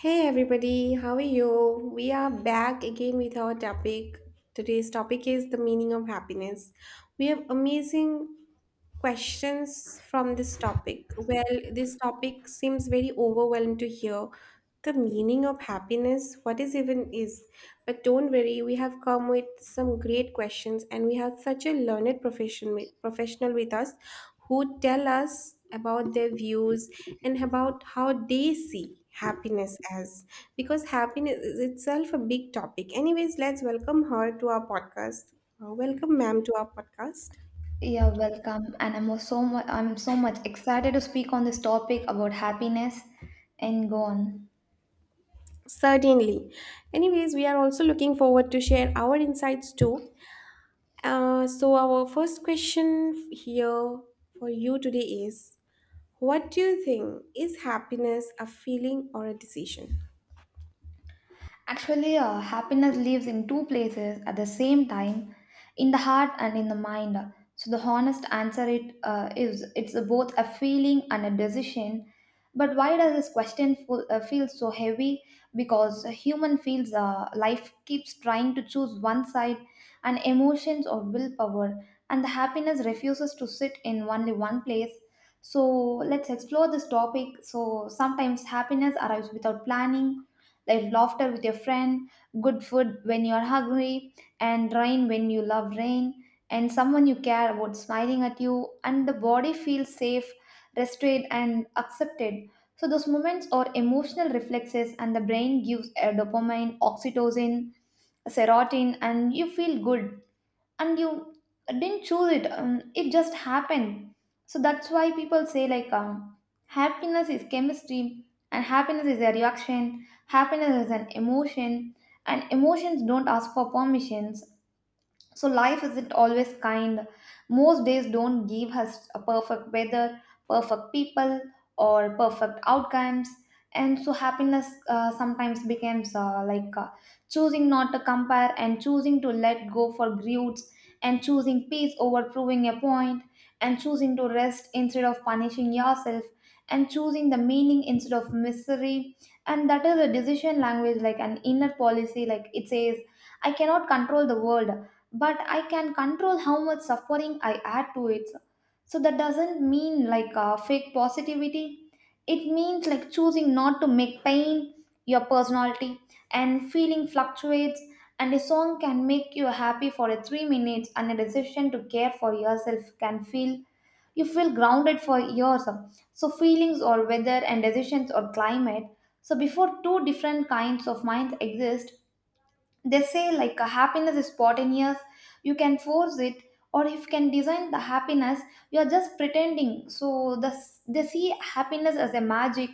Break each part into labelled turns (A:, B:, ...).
A: Hey everybody, how are you? We are back again with our topic. Today's topic is the meaning of happiness. We have amazing questions from this topic. Well, this topic seems very overwhelming to hear. The meaning of happiness, what is even is. But don't worry, we have come with some great questions and we have such a learned professional with us who tell us about their views and about how they see happiness as, because happiness is itself a big topic. Anyways, let's welcome her to our podcast. Welcome ma'am to our podcast.
B: Yeah, welcome. And I'm so much excited to speak on this topic about happiness and go on.
A: Certainly, anyways, we are also looking forward to share our insights too. So our first question here for you today is, what do you think is happiness, a feeling or a decision?
B: Actually, happiness lives in two places at the same time, in the heart and in the mind. So the honest answer it is it's both a feeling and a decision. But why does this question feel so heavy? Because a human feels life keeps trying to choose one side, and emotions or willpower, and the happiness refuses to sit in only one place. So let's explore this topic. So sometimes happiness arrives without planning, like laughter with your friend, good food when you are hungry, and rain when you love rain, and someone you care about smiling at you, and the body feels safe, rested, and accepted. So those moments are emotional reflexes, and the brain gives a dopamine, oxytocin, serotonin, and you feel good and you didn't choose it, it just happened. So that's why people say, like, happiness is chemistry, and happiness is a reaction, happiness is an emotion, and emotions don't ask for permissions. So life isn't always kind. Most days don't give us a perfect weather, perfect people, or perfect outcomes. And so happiness sometimes becomes like choosing not to compare, and choosing to let go for grudges, and choosing peace over proving a point, and choosing to rest instead of punishing yourself, and choosing the meaning instead of misery. And that is a decision language, like an inner policy, like it says, I cannot control the world, but I can control how much suffering I add to it. So that doesn't mean like fake positivity, it means like choosing not to make pain your personality. And feeling fluctuates, and a song can make you happy for a 3 minutes, and a decision to care for yourself can feel, you feel grounded for years. So feelings or weather, and decisions or climate. So before two different kinds of minds exist, they say like a happiness is spontaneous, you can force it, or if you can design the happiness, you are just pretending. So they see happiness as a magic,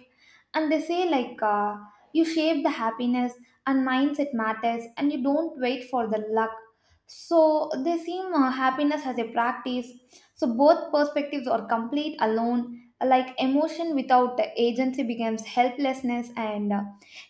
B: and they say like, you shape the happiness, and mindset matters, and you don't wait for the luck. So they see happiness as a practice. So both perspectives are complete alone, like emotion without agency becomes helplessness, and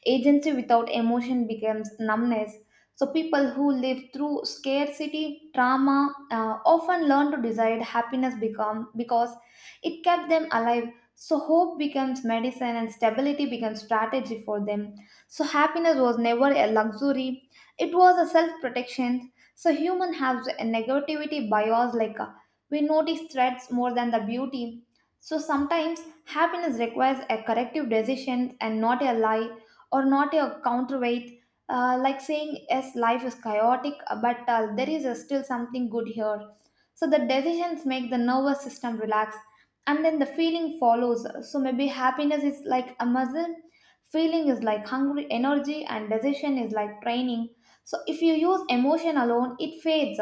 B: agency without emotion becomes numbness. So, people who live through scarcity, trauma, often learn to desire happiness because it kept them alive. So, hope becomes medicine and stability becomes strategy for them. So, happiness was never a luxury, it was a self protection. So, human has a negativity bias, like, we notice threats more than the beauty. So, sometimes happiness requires a corrective decision, and not a lie or not a counterweight, like saying yes, life is chaotic, but there is still something good here. So the decisions make the nervous system relax, and then the feeling follows. So maybe happiness is like a muscle, feeling is like hungry energy, and decision is like training. So if you use emotion alone, it fades.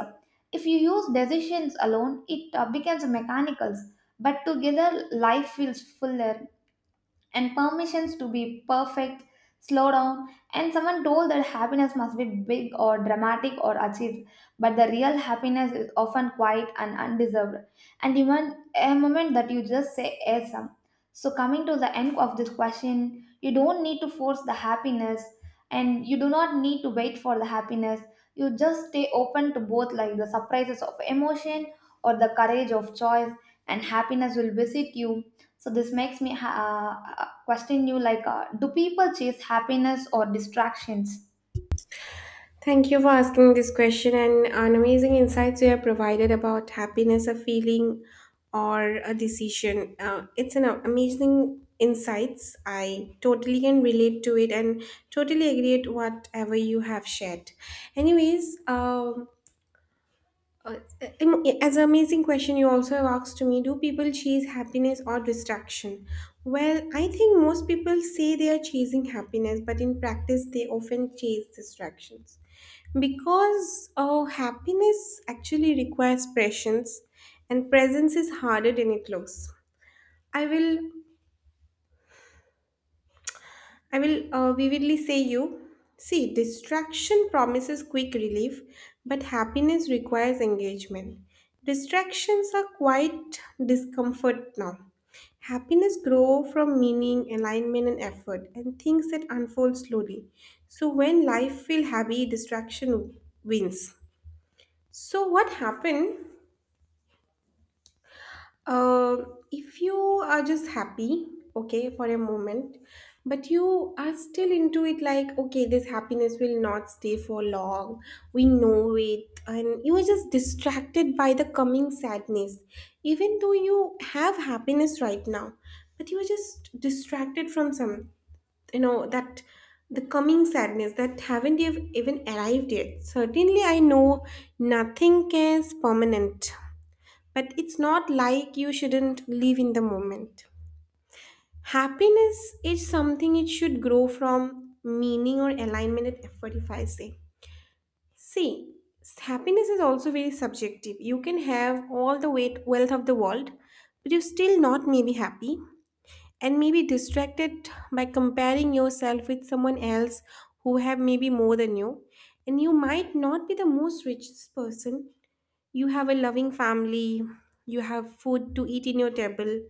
B: If you use decisions alone, it becomes mechanicals. But together life feels fuller. And permissions to be perfect, slow down, and someone told that happiness must be big or dramatic or achieved, but the real happiness is often quiet and undeserved, and even a moment that you just say yes. So, coming to the end of this question, you don't need to force the happiness, and you do not need to wait for the happiness. You just stay open to both, like the surprises of emotion or the courage of choice, and happiness will visit you. So this makes me question you like, do people chase happiness or distractions?
A: Thank you for asking this question and an amazing insights you have provided about happiness, a feeling, or a decision. It's an amazing insights. I totally can relate to it and totally agree with whatever you have shared. Anyways, uh, as an amazing question you also have asked to me, do people chase happiness or distraction? Well, I think most people say they are chasing happiness, but in practice they often chase distractions, because happiness actually requires presence, and presence is harder than it looks. I will I will uh, vividly say you. See, distraction promises quick relief, but happiness requires engagement. Distractions are quite discomfort now. Happiness grow from meaning, alignment, and effort, and things that unfold slowly. So when life feel heavy, distraction wins. So what happened? If you are just happy, okay, for a moment, but you are still into it, like, okay, this happiness will not stay for long. We know it. And you are just distracted by the coming sadness. Even though you have happiness right now, but you are just distracted from some, you know, that the coming sadness that haven't even arrived yet. Certainly, I know nothing is permanent. But it's not like you shouldn't live in the moment. Happiness is something it should grow from meaning or alignment and effort, if I say. See, happiness is also very subjective. You can have all the weight, wealth of the world, but you're still not maybe happy, and maybe distracted by comparing yourself with someone else who have maybe more than you. And you might not be the most richest person, you have a loving family, you have food to eat in your table,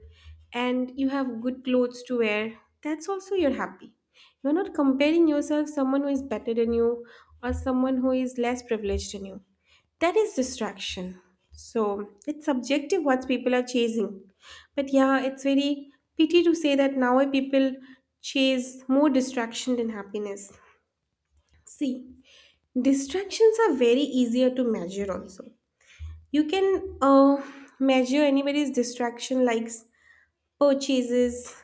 A: and you have good clothes to wear. That's also you're happy. You're not comparing yourself someone who is better than you or someone who is less privileged than you. That is distraction. So it's subjective what people are chasing. But yeah, it's very pity to say that now people chase more distraction than happiness. See, distractions are very easier to measure also. You can measure anybody's distraction likes purchases,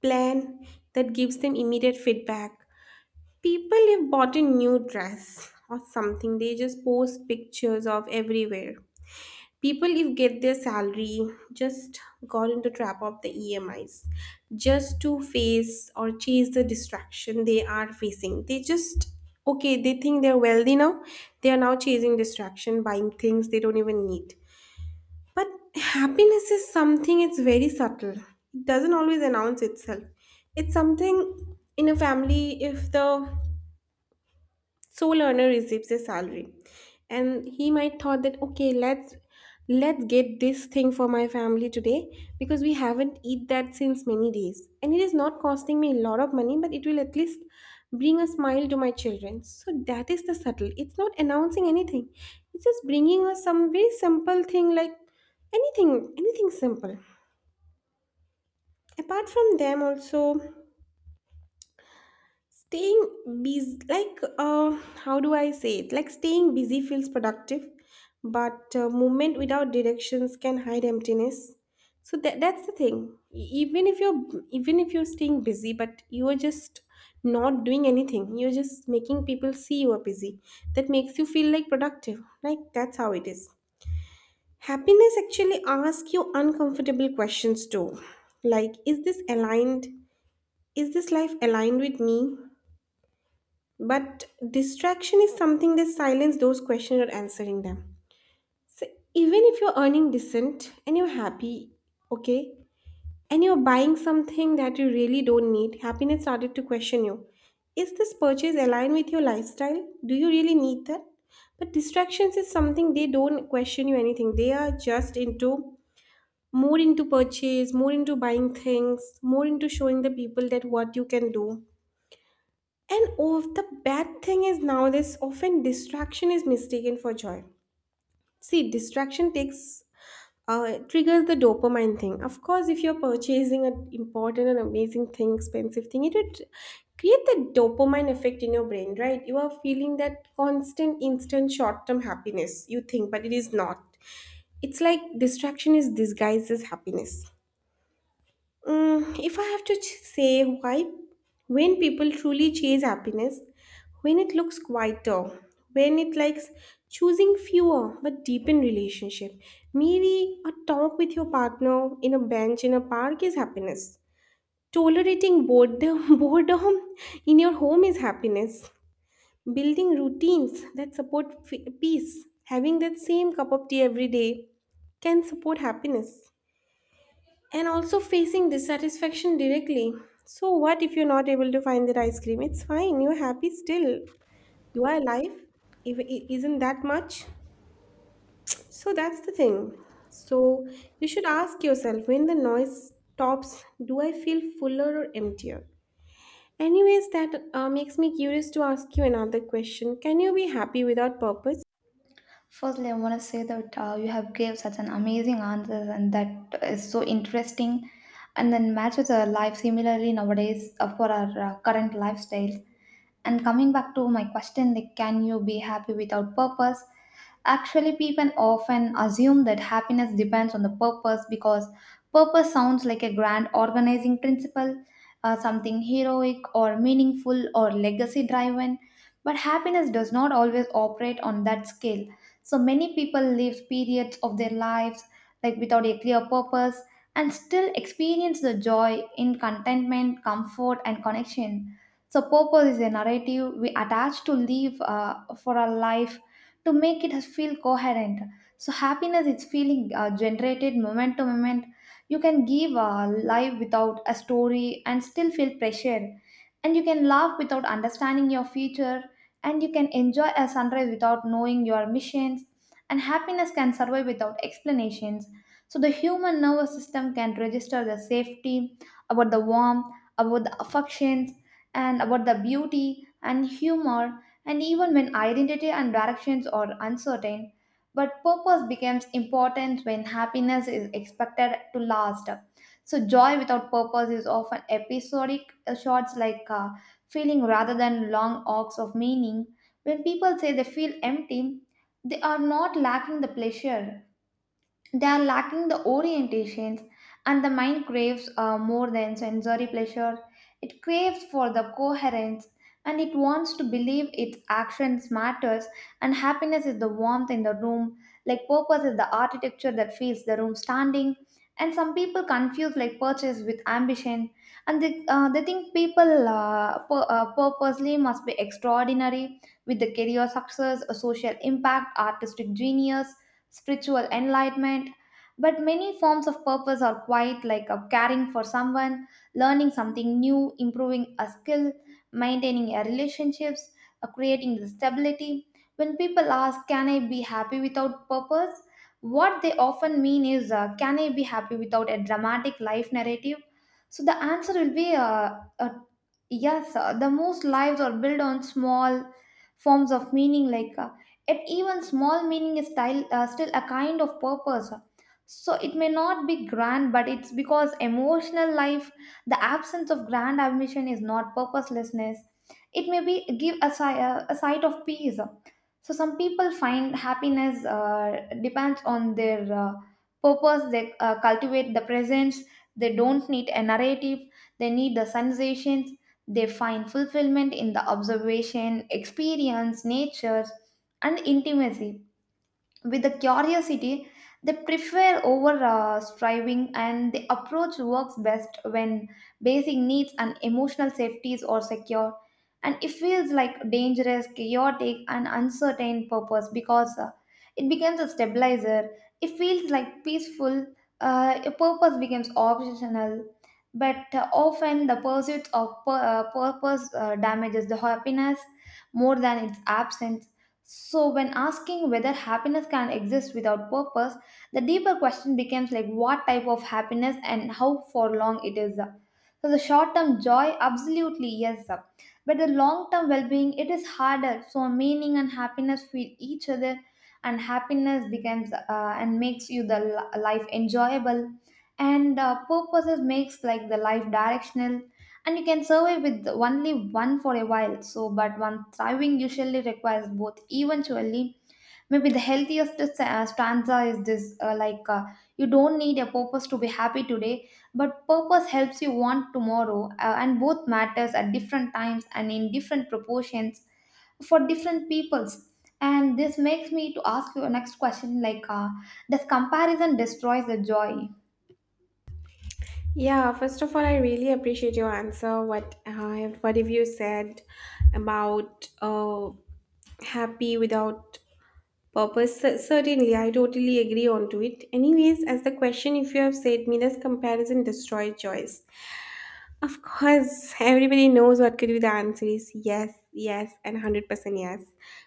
A: plan that gives them immediate feedback. People have bought a new dress or something, they just post pictures of everywhere. People if get their salary just got into trap of the EMIs just to face or chase the distraction they are facing. They just, okay, they think they're wealthy now. They are now chasing distraction, buying things they don't even need. But happiness is something it's very subtle. It doesn't always announce itself. It's something in a family, if the sole earner receives a salary and he might thought that, okay, let's get this thing for my family today, because we haven't eat that since many days, and it is not costing me a lot of money, but it will at least bring a smile to my children. So that is the subtle, it's not announcing anything, it's just bringing us some very simple thing, like anything, simple. Apart from them also, staying busy, like, uh, how do I say it, like staying busy feels productive, but movement without directions can hide emptiness. So that's the thing. Even if you're staying busy but you are just not doing anything, you're just making people see you are busy, that makes you feel like productive, like that's how it is. Happiness actually asks you uncomfortable questions too, like, is this aligned, is this life aligned with me? But distraction is something that silence those questions, you're answering them. So even if you're earning decent and you're happy, okay, and you're buying something that you really don't need, happiness started to question you. Is this purchase aligned with your lifestyle? Do you really need that? But distractions is something they don't question you anything. They are just into more into purchase, more into buying things, more into showing the people that what you can do. And oh, the bad thing is nowadays often distraction is mistaken for joy. See, distraction takes triggers the dopamine thing. Of course, if you're purchasing an important and amazing thing, expensive thing, it would create the dopamine effect in your brain, right? You are feeling that constant, instant, short-term happiness. You think, but it is not. It's like distraction is disguised as happiness. If I have to say why, when people truly chase happiness, when it looks quieter, when it likes choosing fewer but deepen relationship, maybe a talk with your partner in a bench in a park is happiness. Tolerating boredom, boredom in your home is happiness. Building routines that support peace, having that same cup of tea every day can support happiness, and also facing dissatisfaction directly. So, what if you're not able to find that ice cream? It's fine, you're happy still. You are alive. If it isn't that much. So, that's the thing. So, you should ask yourself, when the noise stops, do I feel fuller or emptier? Anyways, that makes me curious to ask you another question. Can you be happy without purpose?
B: Firstly, I want to say that you have gave such an amazing answers, and that is so interesting, and then matches our life similarly nowadays for our current lifestyle. And coming back to my question, like, can you be happy without purpose? Actually, people often assume that happiness depends on the purpose, because purpose sounds like a grand organizing principle, something heroic or meaningful or legacy driven. But happiness does not always operate on that scale. So many people live periods of their lives like without a clear purpose, and still experience the joy in contentment, comfort, and connection. So, purpose is a narrative we attach to live for our life, to make it feel coherent. So, happiness is feeling generated moment to moment. You can give a life without a story and still feel pressure. And you can laugh without understanding your future. And you can enjoy a sunrise without knowing your missions. And happiness can survive without explanations. So, the human nervous system can register the safety, about the warmth, about the affection and about the beauty and humor, and even when identity and directions are uncertain. But purpose becomes important when happiness is expected to last. So, joy without purpose is often episodic, shots like feeling rather than long arcs of meaning. When people say they feel empty, they are not lacking the pleasure, they are lacking the orientations, and the mind craves more than sensory pleasure. It craves for the coherence, and it wants to believe its actions matters, and happiness is the warmth in the room, like purpose is the architecture that feels the room standing. And some people confuse like purchase with ambition, and they think people purposely must be extraordinary, with the career success, a social impact, artistic genius, spiritual enlightenment. But many forms of purpose are quite like a caring for someone, learning something new, improving a skill, maintaining a relationships, creating the stability. When people ask, can I be happy without purpose? What they often mean is, can I be happy without a dramatic life narrative? So the answer will be yes, the most lives are built on small forms of meaning like. Yet even small meaning is style, still a kind of purpose. So it may not be grand, but it's because emotional life, the absence of grand ambition is not purposelessness. It may be give a, a sight of peace. So some people find happiness depends on their purpose. They cultivate the presence. They don't need a narrative. They need the sensations. They find fulfillment in the observation, experience, nature and intimacy with the curiosity they prefer over striving. And the approach works best when basic needs and emotional safeties are secure, and it feels like dangerous chaotic and uncertain purpose, because it becomes a stabilizer. It feels like peaceful, a purpose becomes optional. But often the pursuit of purpose damages the happiness more than its absence. So, when asking whether happiness can exist without purpose, the deeper question becomes like what type of happiness and how for long it is. So, the short term joy, absolutely yes, but the long term well being, it is harder. So, meaning and happiness feel each other, and happiness becomes and makes you the li- life enjoyable, and purposes makes like the life directional, and you can survive with only one for a while. So but one thriving usually requires both eventually. Maybe the healthiest stanza is this, like, you don't need a purpose to be happy today, but purpose helps you want tomorrow, and both matters at different times and in different proportions for different peoples. And this makes me to ask you a next question, like, does comparison destroys the joy?
A: Yeah, first of all, I really appreciate your answer. What have you said about happy without purpose? Certainly, I totally agree onto it. Anyways, as the question, if you have said me, does comparison destroy choice? Of course, everybody knows what could be the answer is yes, yes, and 100% yes.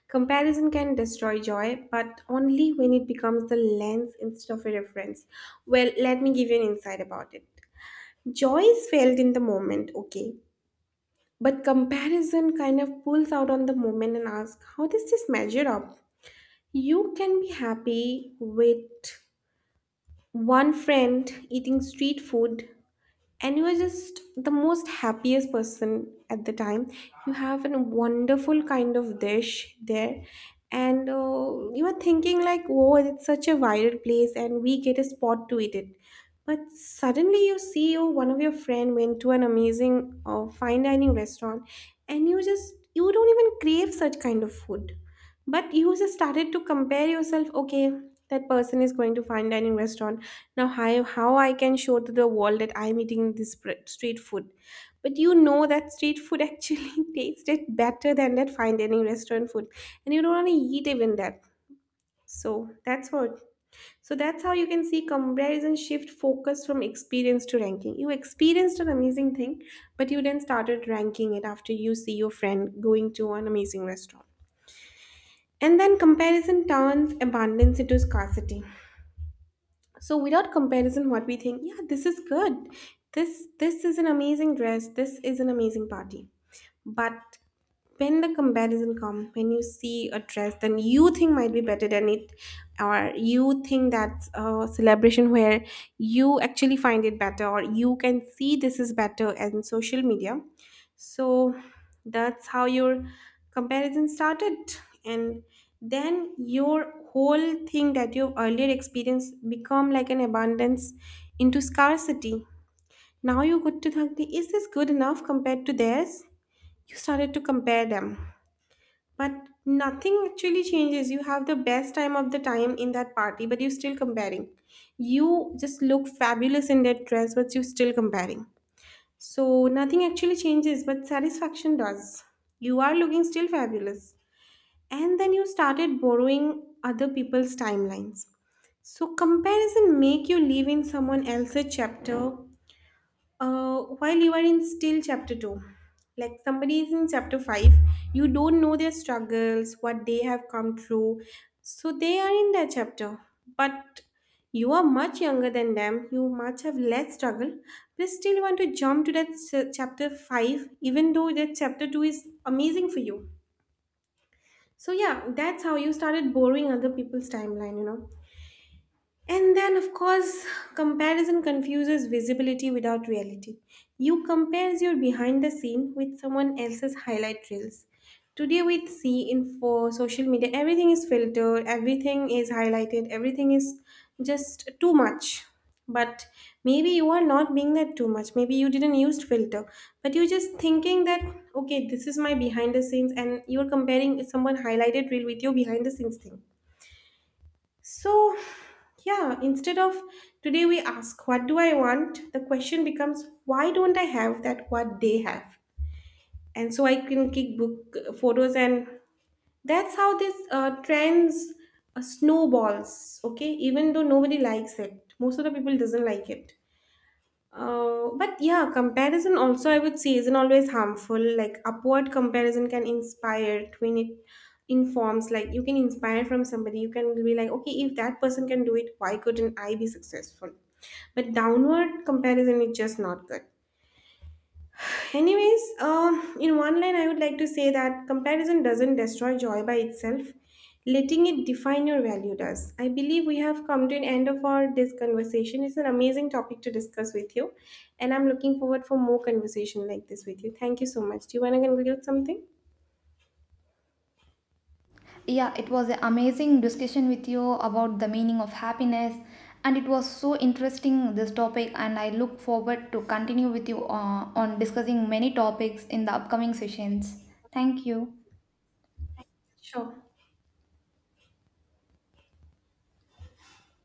A: Comparison can destroy joy, but only when it becomes the lens instead of a reference. Well, let me give you an insight about it. Joy is felt in the moment, okay. But comparison kind of pulls out on the moment and asks, how does this measure up? You can be happy with one friend eating street food, and you are just the most happiest person at the time. You have a wonderful kind of dish there, and you are thinking like, oh, it's such a viral place and we get a spot to eat it. But suddenly you see, oh, one of your friend went to an amazing fine dining restaurant, and you just, you don't even crave such kind of food, but you just started to compare yourself. Okay, that person is going to fine dining restaurant, now, how I can show to the world that I'm eating this street food. But you know that street food actually tasted better than that fine dining restaurant food. And you don't want to eat even that. So that's what. So that's how you can see comparison shift focus from experience to ranking. You experienced an amazing thing, but you then started ranking it after you see your friend going to an amazing restaurant. And then comparison turns abundance into scarcity. So without comparison what we think, yeah, this is good, this is an amazing dress, this is an amazing party. But when the comparison comes, when you see a dress then you think might be better than it, or you think that's a celebration where you actually find it better, or you can see this is better in social media. So that's how your comparison started, and then your whole thing that you earlier experienced become like an abundance into scarcity. Now you go to think, is this good enough compared to theirs? You started to compare them. But nothing actually changes, you have the best time of the time in that party but you're still comparing. You just look fabulous in that dress but you're still comparing. So nothing actually changes but satisfaction does. You are looking still fabulous. And then you started borrowing other people's timelines. So comparison make you live in someone else's chapter, while you are in still chapter 2, like somebody is in chapter 5. You don't know their struggles what they have come through, so they are in that chapter. But you are much younger than them, you much have less struggle, but still want to jump to that chapter 5 even though that chapter 2 is amazing for you. So yeah, that's how you started borrowing other people's timeline, you know. And then, of course, comparison confuses visibility without reality. You compare your behind the scene with someone else's highlight reels. Today, we see in for social media, everything is filtered, everything is highlighted, everything is just too much. But maybe you are not being that too much. Maybe you didn't use filter, but you're just thinking that, okay, this is my behind the scenes, and you're comparing someone highlighted reel with your behind the scenes thing. So, yeah, instead of today we ask, what do I want? The question becomes, why don't I have that what they have? And so I can kick book photos, and that's how this trends snowballs, okay? Even though nobody likes it, most of the people doesn't like it. But yeah, comparison also I would say isn't always harmful. Like upward comparison can inspire when it informs, like you can inspire from somebody, you can be like, okay, if that person can do it, why couldn't I be successful? But downward comparison is just not good. Anyways, in one line, I would like to say that comparison doesn't destroy joy by itself. Letting it define your value does. I believe we have come to an end of our this conversation. It's an amazing topic to discuss with you, and I'm looking forward for more conversation like this with you. Thank you so much. Do you want to conclude something?
B: Yeah, it was an amazing discussion with you about the meaning of happiness, and it was so interesting this topic, and I look forward to continue with you on discussing many topics in the upcoming sessions. Thank you.
A: Sure.